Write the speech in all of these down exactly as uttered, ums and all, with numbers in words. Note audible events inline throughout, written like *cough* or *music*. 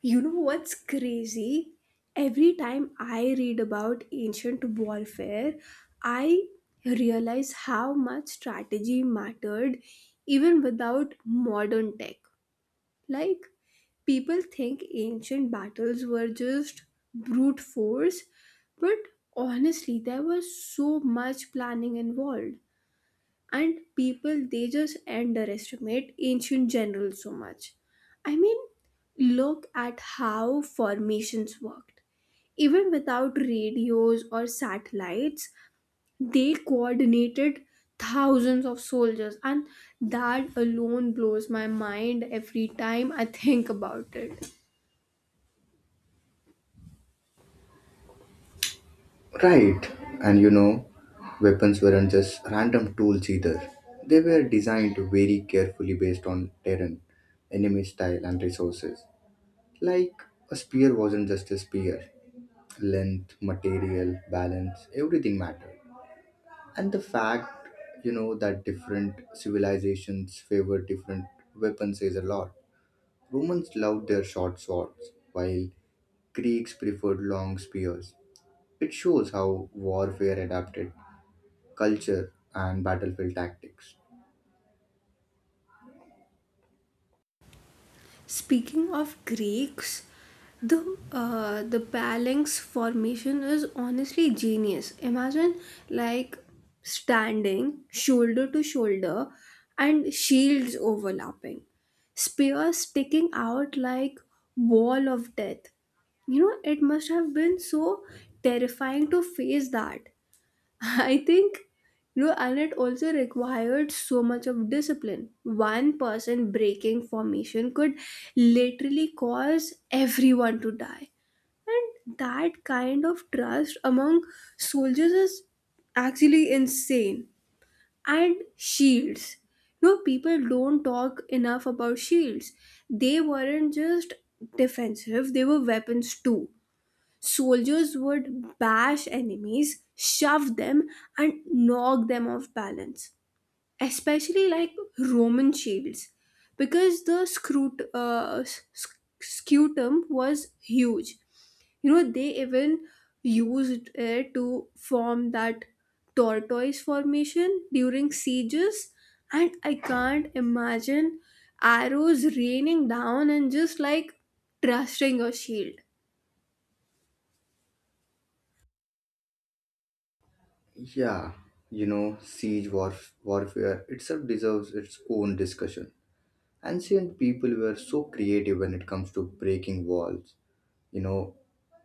You know what's crazy? Every time I read about ancient warfare, I realize how much strategy mattered even without modern tech. Like, people think ancient battles were just brute force, but honestly, there was so much planning involved, and people, they just underestimate ancient generals so much. I mean, look at how formations worked. Even without radios or satellites, they coordinated thousands of soldiers, and that alone blows my mind every time I *laughs* think about it. Right, and you know, weapons weren't just random tools either. They were designed very carefully based on terrain, enemy style, and resources. Like, a spear wasn't just a spear. Length, material, balance, everything mattered. And the fact, you know, that different civilizations favored different weapons says a lot. Romans loved their short swords, while Greeks preferred long spears. It shows how warfare adapted culture, and battlefield tactics. Speaking of Greeks, the uh, the phalanx formation is honestly genius. Imagine, like, standing shoulder to shoulder and shields overlapping, spears sticking out like wall of death. You know, it must have been so terrifying to face that. *laughs* I think, you know, and it also required so much of discipline. One person breaking formation could literally cause everyone to die. And that kind of trust among soldiers is actually insane. And shields. You know, people don't talk enough about shields. They weren't just defensive, they were weapons too. Soldiers would bash enemies, shove them, and knock them off balance, especially like Roman shields, because the scrut- uh, s- scutum was huge. You know, they even used it to form that tortoise formation during sieges, and I can't imagine arrows raining down and just like trusting your shield. Yeah, you know, siege warf- warfare itself deserves its own discussion. Ancient people were so creative when it comes to breaking walls, you know,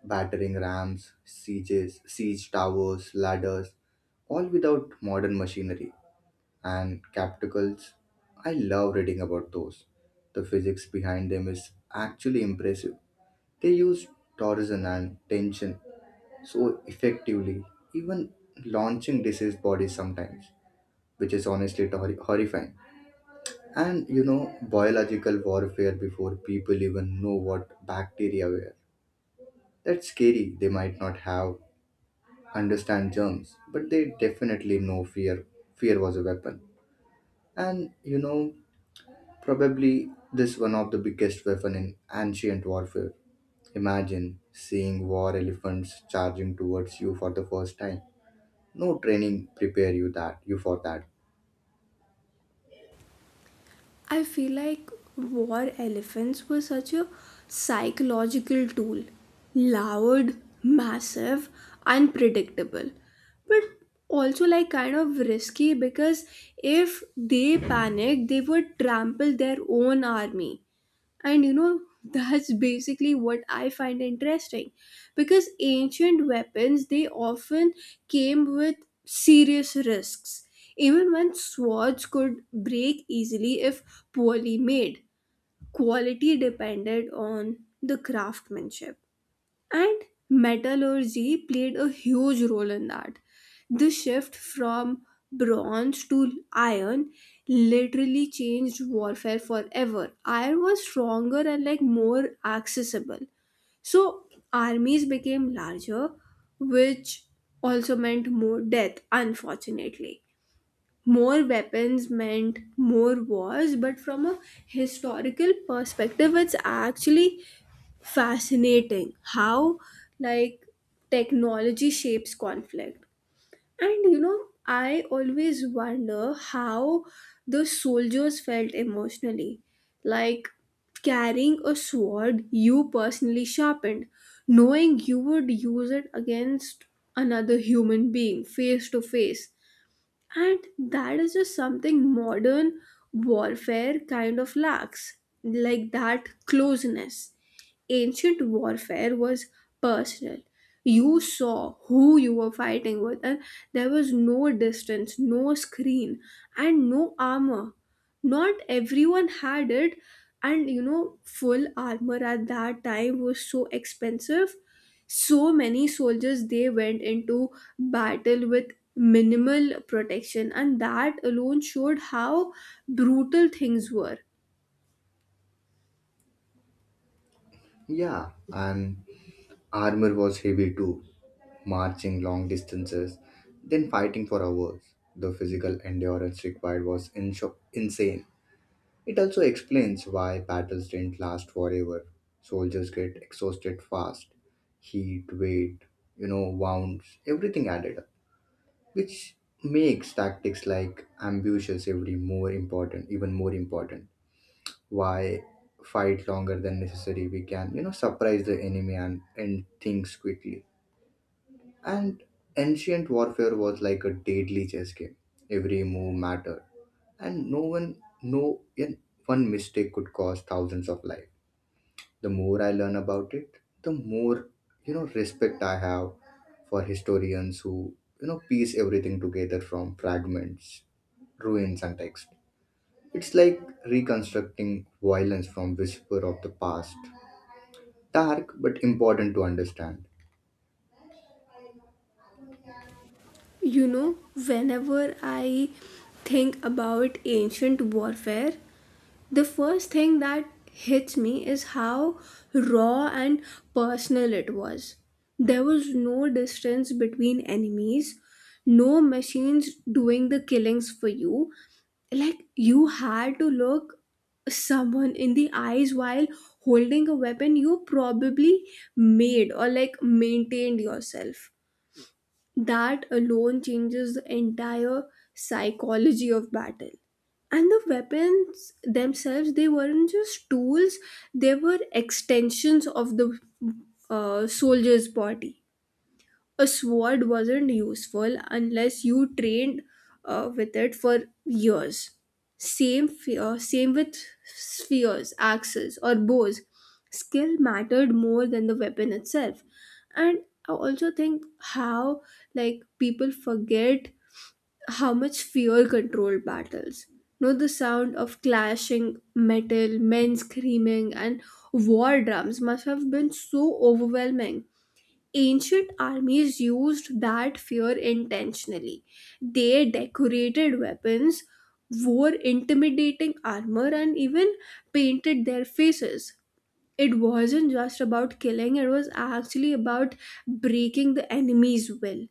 battering rams, sieges, siege towers, ladders, all without modern machinery and capticals. I love reading about those. The physics behind them is actually impressive. They use torsion and tension so effectively, even launching diseased bodies sometimes, which is honestly tor- horrifying. And you know, biological warfare before people even know what bacteria were. That's scary. They might not have understand germs, but they definitely know fear. Fear was a weapon, and you know, probably this one of the biggest weapon in ancient warfare. Imagine seeing war elephants charging towards you for the first time. No training prepare you that you for that. I feel like war elephants were such a psychological tool. Loud, massive, unpredictable, but also like kind of risky because if they panicked, they would trample their own army. And you know, that's basically what I find interesting, because ancient weapons, they often came with serious risks. Even when swords could break easily if poorly made, quality depended on the craftsmanship. And metallurgy played a huge role in that. The shift from bronze to iron literally changed warfare forever. Iron was stronger and like more accessible. So armies became larger, which also meant more death, unfortunately. More weapons meant more wars, but from a historical perspective, it's actually fascinating how like technology shapes conflict. And you know, I always wonder how the soldiers felt emotionally, like carrying a sword you personally sharpened, knowing you would use it against another human being face to face. And that is just something modern warfare kind of lacks, like that closeness. Ancient warfare was personal. You saw who you were fighting with, and there was no distance, no screen, and no armor. Not everyone had it, and you know, full armor at that time was so expensive. So many soldiers, they went into battle with minimal protection, and that alone showed how brutal things were. Yeah, and armor was heavy too, marching long distances, then fighting for hours. The physical endurance required was insho- insane. It also explains why battles didn't last forever. Soldiers get exhausted fast. Heat, weight, you know, wounds, everything added up, which makes tactics like ambushes every more important, even more important. Why fight longer than necessary? We can, you know surprise the enemy and end things quickly. And ancient warfare was like a deadly chess game. Every move mattered, and no one no in- one mistake could cause thousands of lives. The more I learn about it, the more, you know respect I have for historians who, you know piece everything together from fragments, ruins, and text. It's like reconstructing violence from whisper of the past. Dark but important to understand. You know, whenever I think about ancient warfare, the first thing that hits me is how raw and personal it was. There was no distance between enemies, no machines doing the killings for you. Like, you had to look someone in the eyes while holding a weapon you probably made or like maintained yourself. That alone changes the entire psychology of battle. And the weapons themselves, they weren't just tools, they were extensions of the uh, soldier's body. A sword wasn't useful unless you trained uh, with it for years. Same fear, same with spheres, axes, or bows. Skill mattered more than the weapon itself. And I also think how like people forget how much fear controlled battles. Know the sound of clashing metal, men screaming, and war drums must have been so overwhelming. Ancient armies used that fear intentionally. They decorated weapons, wore intimidating armor, and even painted their faces. It wasn't just about killing, it was actually about breaking the enemy's will.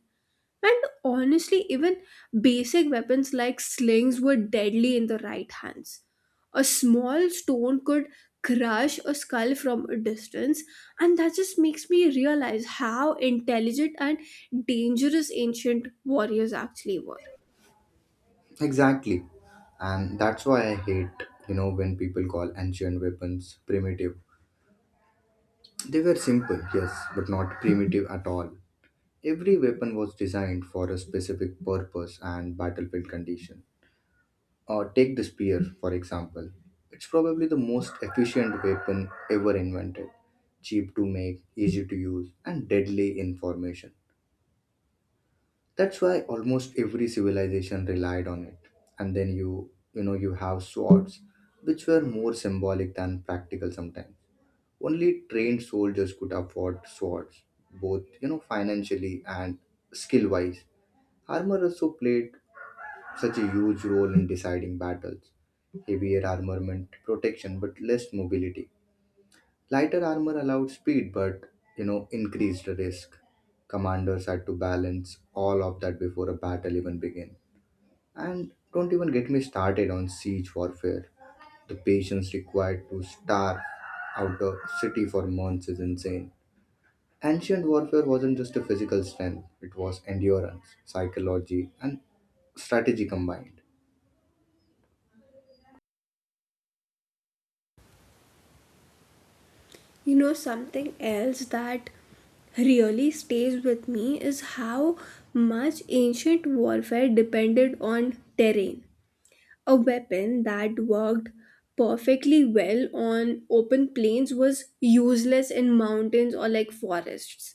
And honestly, even basic weapons like slings were deadly in the right hands. A small stone could crush a skull from a distance, and that just makes me realize how intelligent and dangerous ancient warriors actually were. Exactly. And that's why I hate, you know, when people call ancient weapons primitive. They were simple, yes, but not primitive at all. Every weapon was designed for a specific purpose and battlefield condition. Or take the spear, for example. It's probably the most efficient weapon ever invented. Cheap to make, easy to use, and deadly in formation. That's why almost every civilization relied on it. And then you, you know, you have swords, which were more symbolic than practical sometimes. Only trained soldiers could afford swords, both, you know, financially and skill wise. Armor also played such a huge role in deciding battles. Heavier armament, protection, but less mobility. Lighter armor allowed speed, but, you know, increased risk. Commanders had to balance all of that before a battle even began. And don't even get me started on siege warfare. The patience required to starve out a city for months is insane. Ancient warfare wasn't just a physical strength, it was endurance, psychology, and strategy combined. You know, something else that really stays with me is how much ancient warfare depended on terrain. A weapon that worked perfectly well on open plains was useless in mountains or like forests.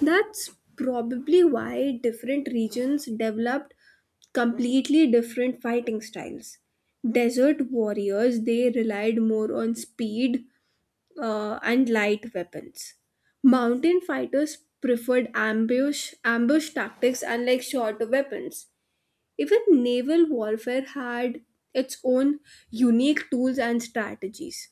That's probably why different regions developed completely different fighting styles. Desert warriors, they relied more on speed uh, and light weapons. Mountain fighters preferred ambush ambush tactics and like shorter weapons. Even naval warfare had its own unique tools and strategies.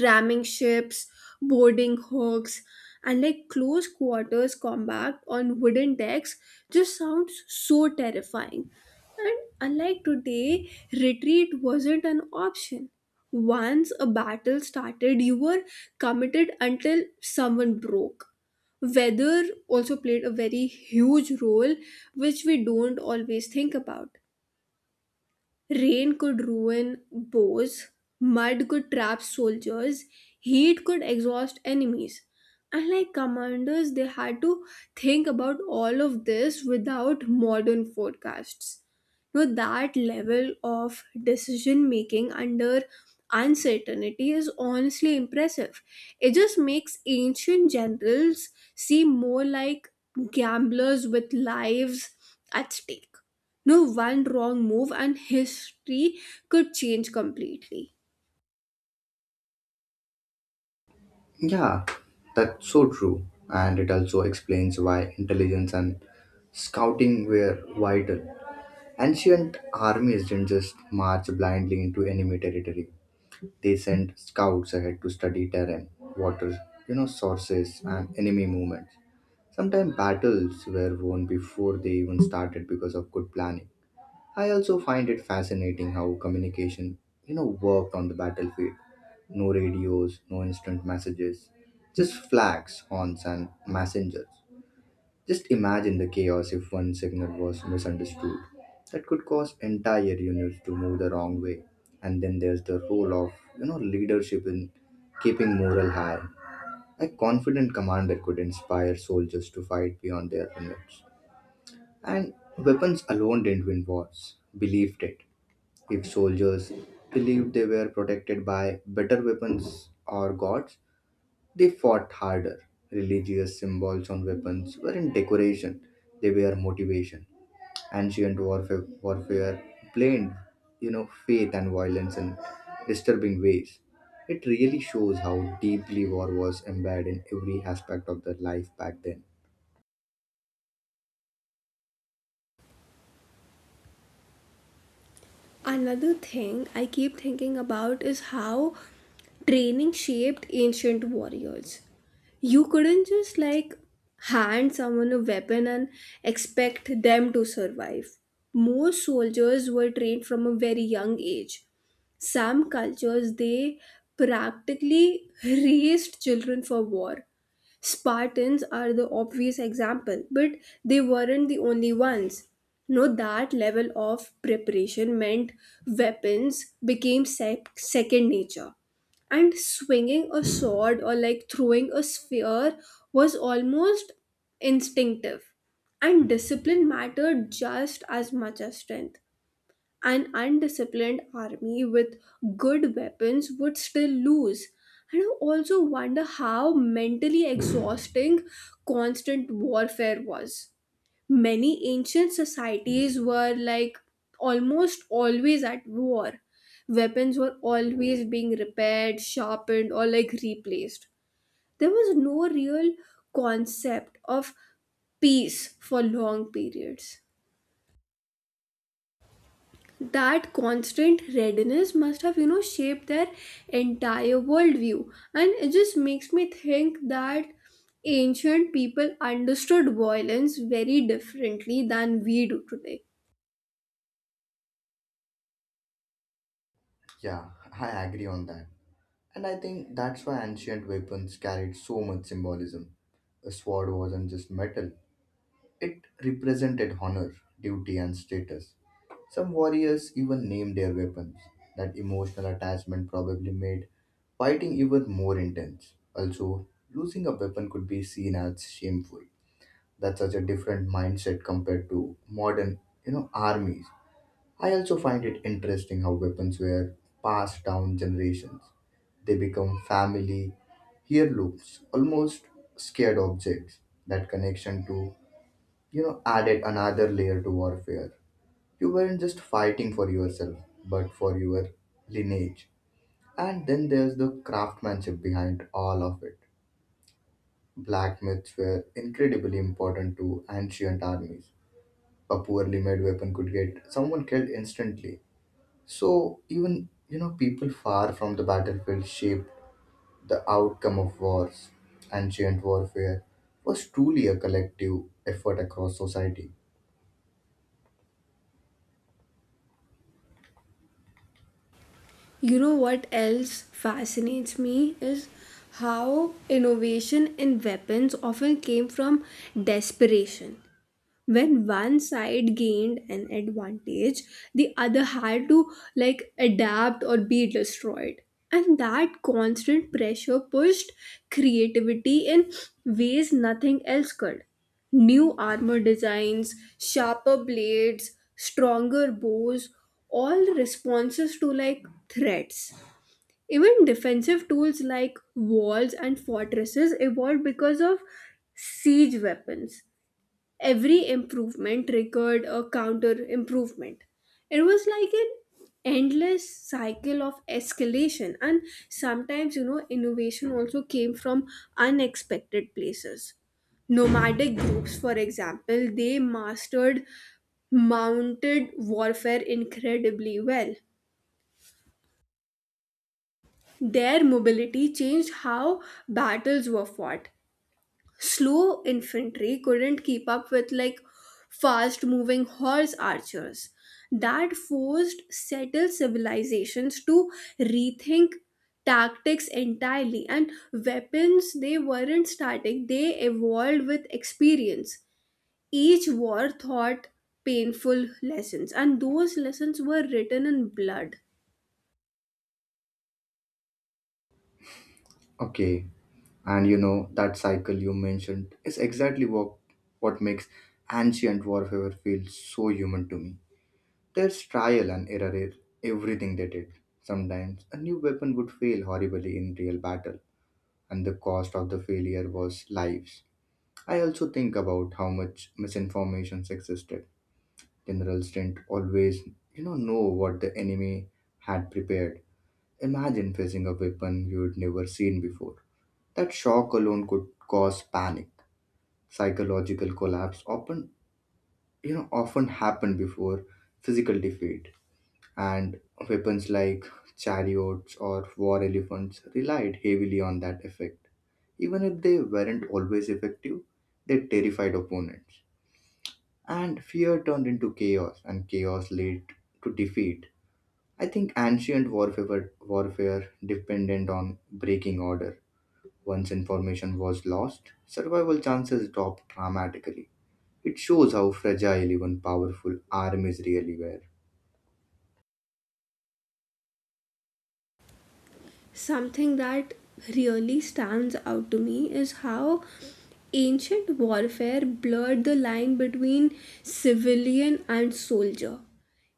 Ramming ships, boarding hooks, and like close quarters combat on wooden decks just sounds so terrifying. And unlike today, retreat wasn't an option. Once a battle started, you were committed until someone broke. Weather also played a very huge role, which we don't always think about. Rain could ruin bows, mud could trap soldiers, heat could exhaust enemies. And like commanders, they had to think about all of this without modern forecasts. You know, that level of decision making under uncertainty is honestly impressive. It just makes ancient generals seem more like gamblers with lives at stake. No one wrong move and history could change completely. Yeah, that's so true. And it also explains why intelligence and scouting were vital. Ancient armies didn't just march blindly into enemy territory. They sent scouts ahead to study terrain, water, you know, sources and enemy movements. Sometimes battles were won before they even started because of good planning. I also find it fascinating how communication, you know, worked on the battlefield. No radios, no instant messages, just flags, horns, and messengers. Just imagine the chaos if one signal was misunderstood. That could cause entire units to move the wrong way. And then there's the role of, you know, leadership in keeping morale high. A confident commander could inspire soldiers to fight beyond their limits. And weapons alone didn't win wars, believed it. If soldiers believed they were protected by better weapons or gods, they fought harder. Religious symbols on weapons weren't decoration, they were motivation. Ancient warfare, warfare blended, you know, faith and violence in disturbing ways. It really shows how deeply war was embedded in every aspect of their life back then. Another thing I keep thinking about is how training shaped ancient warriors. You couldn't just like hand someone a weapon and expect them to survive. Most soldiers were trained from a very young age. Some cultures, they practically *laughs* raised children for war. Spartans are the obvious example, but they weren't the only ones. No, that level of preparation meant weapons became sec- second nature. And swinging a sword or like throwing a sphere was almost instinctive. And discipline mattered just as much as strength. An undisciplined army with good weapons would still lose. And I also wonder how mentally exhausting constant warfare was. Many ancient societies were like almost always at war. Weapons were always being repaired, sharpened, or like replaced. There was no real concept of peace for long periods. That constant readiness must have, you know, shaped their entire worldview, and it just makes me think that ancient people understood violence very differently than we do today. Yeah, I agree on that. And I think that's why ancient weapons carried so much symbolism. A sword wasn't just metal, it represented honor, duty, and status. Some warriors even named their weapons. That emotional attachment probably made fighting even more intense. Also, losing a weapon could be seen as shameful. That's such a different mindset compared to modern, you know, armies. I also find it interesting how weapons were passed down generations. They become family heirlooms, almost scared objects. That connection to, you know, added another layer to warfare. You weren't just fighting for yourself, but for your lineage. And then there's the craftsmanship behind all of it. Blacksmiths were incredibly important to ancient armies. A poorly made weapon could get someone killed instantly. So even, you know people far from the battlefield shaped the outcome of wars. Ancient warfare was truly a collective effort across society. You know what else fascinates me is how innovation in weapons often came from desperation. When one side gained an advantage, the other had to like adapt or be destroyed, and that constant pressure pushed creativity in ways nothing else could. New armor designs, sharper blades, stronger bows, all responses to like threats. Even defensive tools like walls and fortresses evolved because of siege weapons. Every improvement triggered a counter improvement. It was like an endless cycle of escalation, and sometimes, you know, innovation also came from unexpected places. Nomadic groups, for example, they mastered mounted warfare incredibly well. Their mobility changed how battles were fought. Slow infantry couldn't keep up with like fast moving horse archers. That forced settled civilizations to rethink tactics entirely, and weapons, they weren't static, they evolved with experience. Each war taught painful lessons, and those lessons were written in blood. Okay, and you know, that cycle you mentioned is exactly what, what makes ancient warfare feel so human to me. There's trial and error in everything they did. Sometimes a new weapon would fail horribly in real battle, and the cost of the failure was lives. I also think about how much misinformation existed. Generals didn't always, you know, know what the enemy had prepared. Imagine facing a weapon you'd never seen before. That shock alone could cause panic. Psychological collapse often, you know often happen before physical defeat. And weapons like chariots or war elephants relied heavily on that effect. Even if they weren't always effective, they terrified opponents, and fear turned into chaos, and chaos led to defeat. I think ancient warfare warfare depended on breaking order. Once information was lost, survival chances dropped dramatically. It shows how fragile even powerful armies really were. Something that really stands out to me is how ancient warfare blurred the line between civilian and soldier.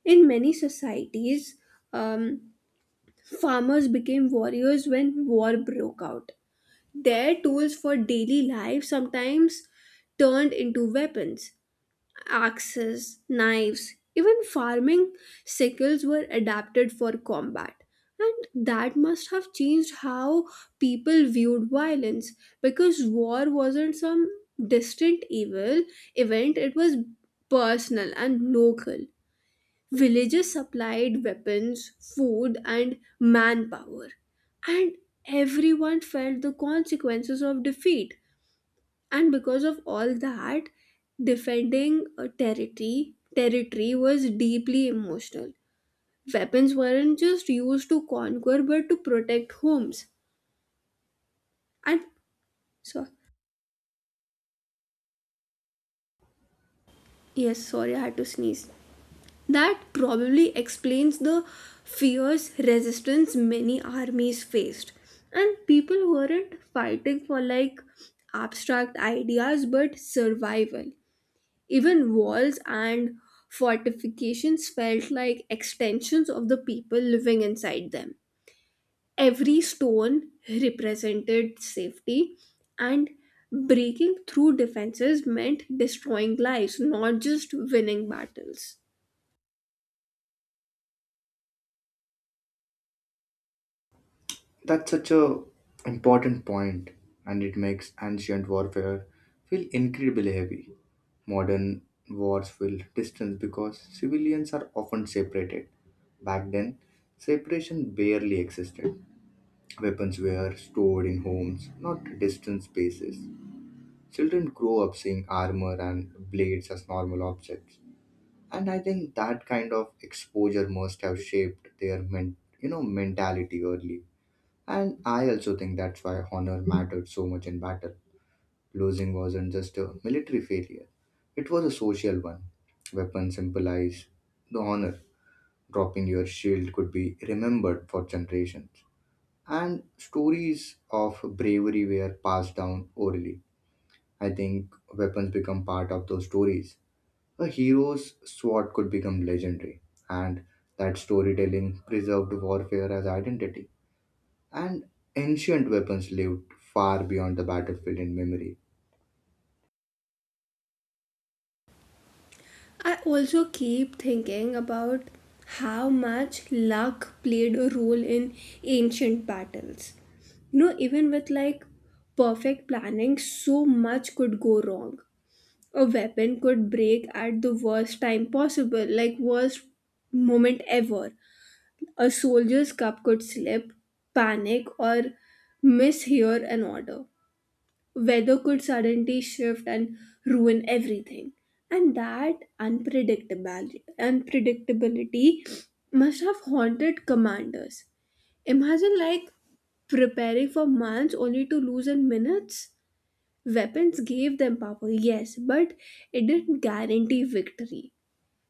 In many societies, um, farmers became warriors when war broke out. Their tools for daily life sometimes turned into weapons: axes, knives, even farming sickles were adapted for combat. And that must have changed how people viewed violence, because war wasn't some distant evil event, it was personal and local. Villages supplied weapons, food, and manpower, and everyone felt the consequences of defeat. And because of all that, defending a territory territory was deeply emotional. Weapons weren't just used to conquer but to protect homes. And so, yes, sorry, I had to sneeze. That probably explains the fierce resistance many armies faced, and people weren't fighting for like abstract ideas but survival. Even walls and fortifications felt like extensions of the people living inside them. Every stone represented safety, and breaking through defenses meant destroying lives, not just winning battles. That's such a important point, and it makes ancient warfare feel incredibly heavy. Modern wars feel distant because civilians are often separated. Back then, separation barely existed. Weapons were stored in homes, not distant spaces. Children grow up seeing armor and blades as normal objects. And I think that kind of exposure must have shaped their men- you know mentality early. And I also think that's why honor mattered so much in battle. Losing wasn't just a military failure, it was a social one. Weapons symbolized the honor. Dropping your shield could be remembered for generations, and stories of bravery were passed down orally. I think weapons become part of those stories. A hero's sword could become legendary, and that storytelling preserved warfare as identity. And ancient weapons lived far beyond the battlefield in memory. I also keep thinking about how much luck played a role in ancient battles. You know, even with like perfect planning, so much could go wrong. A weapon could break at the worst time possible, like worst moment ever. A soldier's cup could slip, panic, or mishear an order. Weather could suddenly shift and ruin everything. And that unpredictability, unpredictability must have haunted commanders. Imagine like preparing for months only to lose in minutes. Weapons gave them power, yes, but it didn't guarantee victory.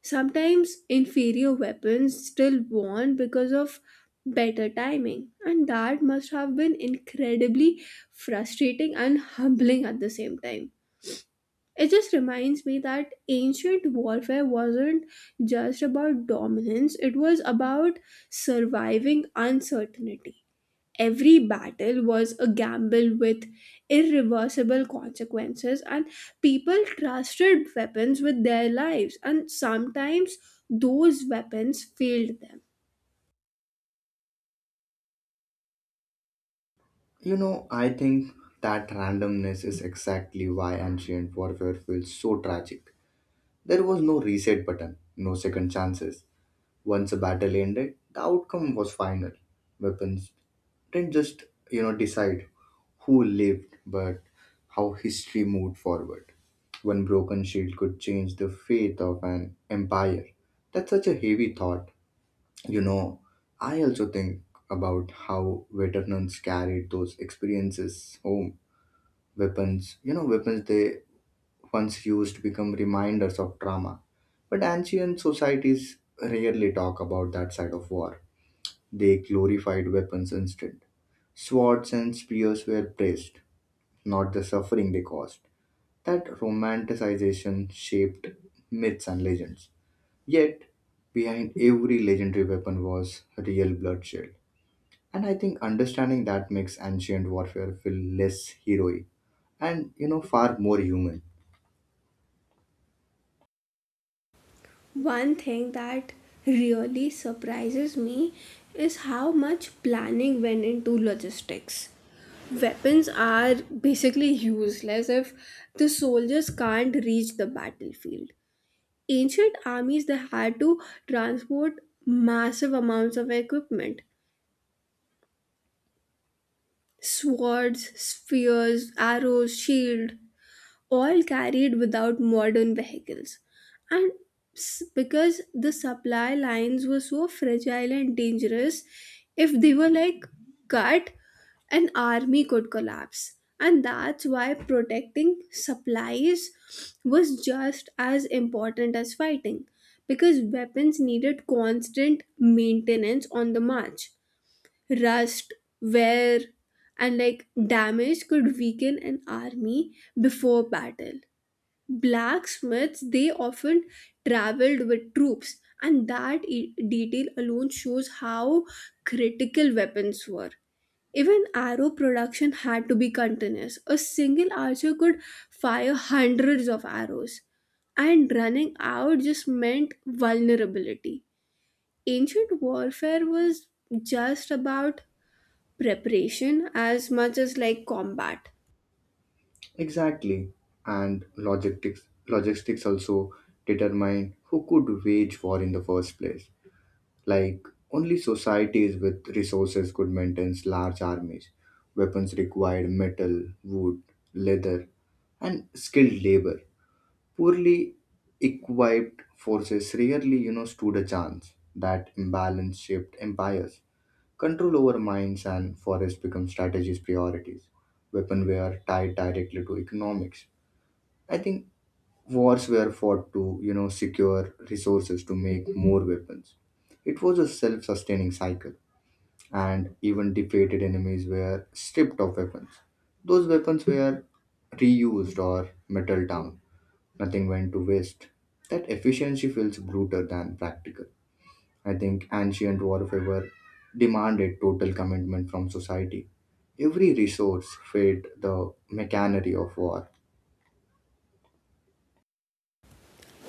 Sometimes inferior weapons still won because of better timing, and that must have been incredibly frustrating and humbling at the same time. It just reminds me that ancient warfare wasn't just about dominance, it was about surviving uncertainty. Every battle was a gamble with irreversible consequences, and people trusted weapons with their lives, and sometimes those weapons failed them. You know, I think that randomness is exactly why ancient warfare feels so tragic. There was no reset button, no second chances. Once a battle ended, the outcome was final. Weapons didn't just, you know decide who lived but how history moved forward. One broken shield could change the fate of an empire. That's such a heavy thought. you know I also think about how veterans carried those experiences home. Weapons you know weapons they once used become reminders of trauma. But ancient societies rarely talk about that side of war. They glorified weapons instead. Swords and spears were praised, not the suffering they caused. That romanticization shaped myths and legends. Yet, behind every legendary weapon was real bloodshed. And I think understanding that makes ancient warfare feel less heroic and, you know far more human. One thing that really surprises me is how much planning went into logistics. Weapons are basically useless if the soldiers can't reach the battlefield. Ancient armies, they had to transport massive amounts of equipment: swords, spears, arrows, shield, all carried without modern vehicles. And s- because the supply lines were so fragile and dangerous, if they were like cut, an army could collapse. And that's why protecting supplies was just as important as fighting, because weapons needed constant maintenance on the march. Rust, wear, and like damage could weaken an army before battle. Blacksmiths, they often traveled with troops, and that e- detail alone shows how critical weapons were. Even arrow production had to be continuous. A single archer could fire hundreds of arrows, and running out just meant vulnerability. Ancient warfare was just about preparation as much as like combat. Exactly. And logistics logistics also determine who could wage war in the first place. Like, only societies with resources could maintain large armies. Weapons required metal, wood, leather, and skilled labor. Poorly equipped forces rarely, you know, stood a chance. That imbalance shaped empires. Control over mines and forests become strategies priorities. Weapon were tied directly to economics. I think wars were fought to, you know, secure resources to make more weapons. It was a self-sustaining cycle, and even defeated enemies were stripped of weapons. Those weapons were reused or metal down. Nothing went to waste. That efficiency feels brutal than practical. I think ancient warfare demanded total commitment from society. Every resource fed the machinery of war.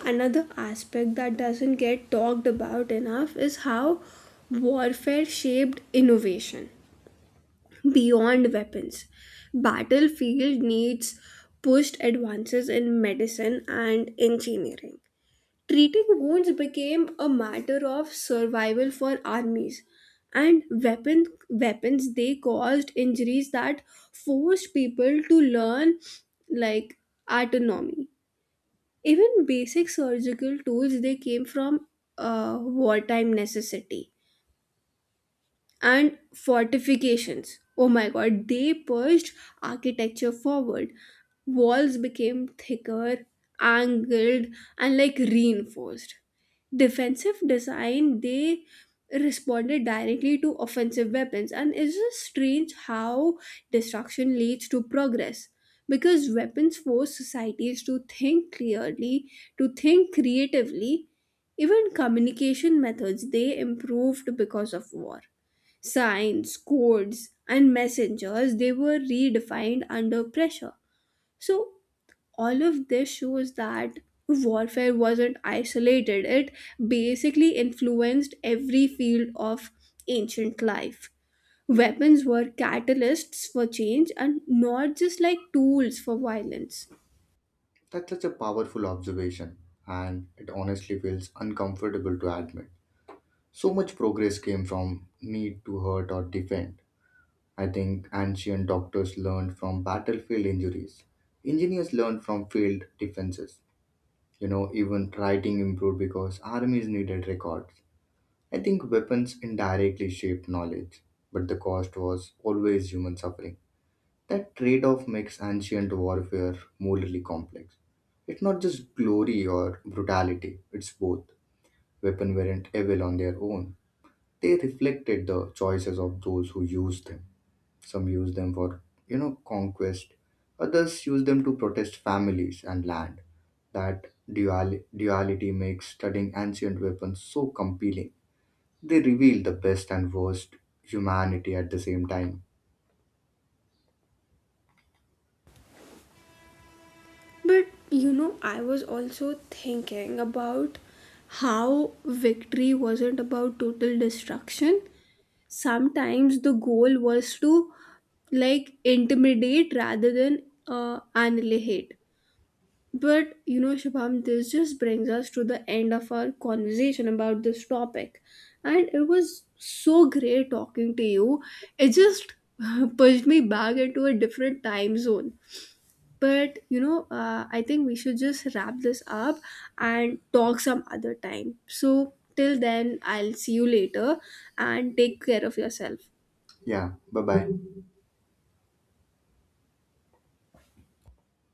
Another aspect that doesn't get talked about enough is how warfare shaped innovation beyond weapons. Battlefield needs pushed advances in medicine and engineering. Treating wounds became a matter of survival for armies, and weapon, weapons, they caused injuries that forced people to learn like autonomy. Even basic surgical tools, they came from uh, wartime necessity. And fortifications, oh my god, they pushed architecture forward. Walls became thicker, angled, and like reinforced. Defensive design, they responded directly to offensive weapons, and it's just strange how destruction leads to progress. Because weapons force societies to think clearly, to think creatively. Even communication methods, they improved because of war. Signs, codes, and messengers, they were redefined under pressure. So, all of this shows that warfare wasn't isolated, it basically influenced every field of ancient life. Weapons were catalysts for change and not just like tools for violence. That's such a powerful observation, and it honestly feels uncomfortable to admit. So much progress came from need to hurt or defend. I think ancient doctors learned from battlefield injuries. Engineers learned from field defenses. You know, even writing improved because armies needed records. I think weapons indirectly shaped knowledge, but the cost was always human suffering. That trade off makes ancient warfare morally complex. It's not just glory or brutality, it's both. Weapons weren't evil on their own, they reflected the choices of those who used them. Some used them for, you know, conquest, others used them to protest families and land. That duali- duality makes studying ancient weapons so compelling. They reveal the best and worst humanity at the same time. But you know, I was also thinking about how victory wasn't about total destruction. Sometimes the goal was to like intimidate rather than uh, annihilate. But you know, Shubham, this just brings us to the end of our conversation about this topic, and it was so great talking to you. It just *laughs* pushed me back into a different time zone. But you know, uh, I think we should just wrap this up and talk some other time. So till then, I'll see you later, and take care of yourself. Yeah, bye bye.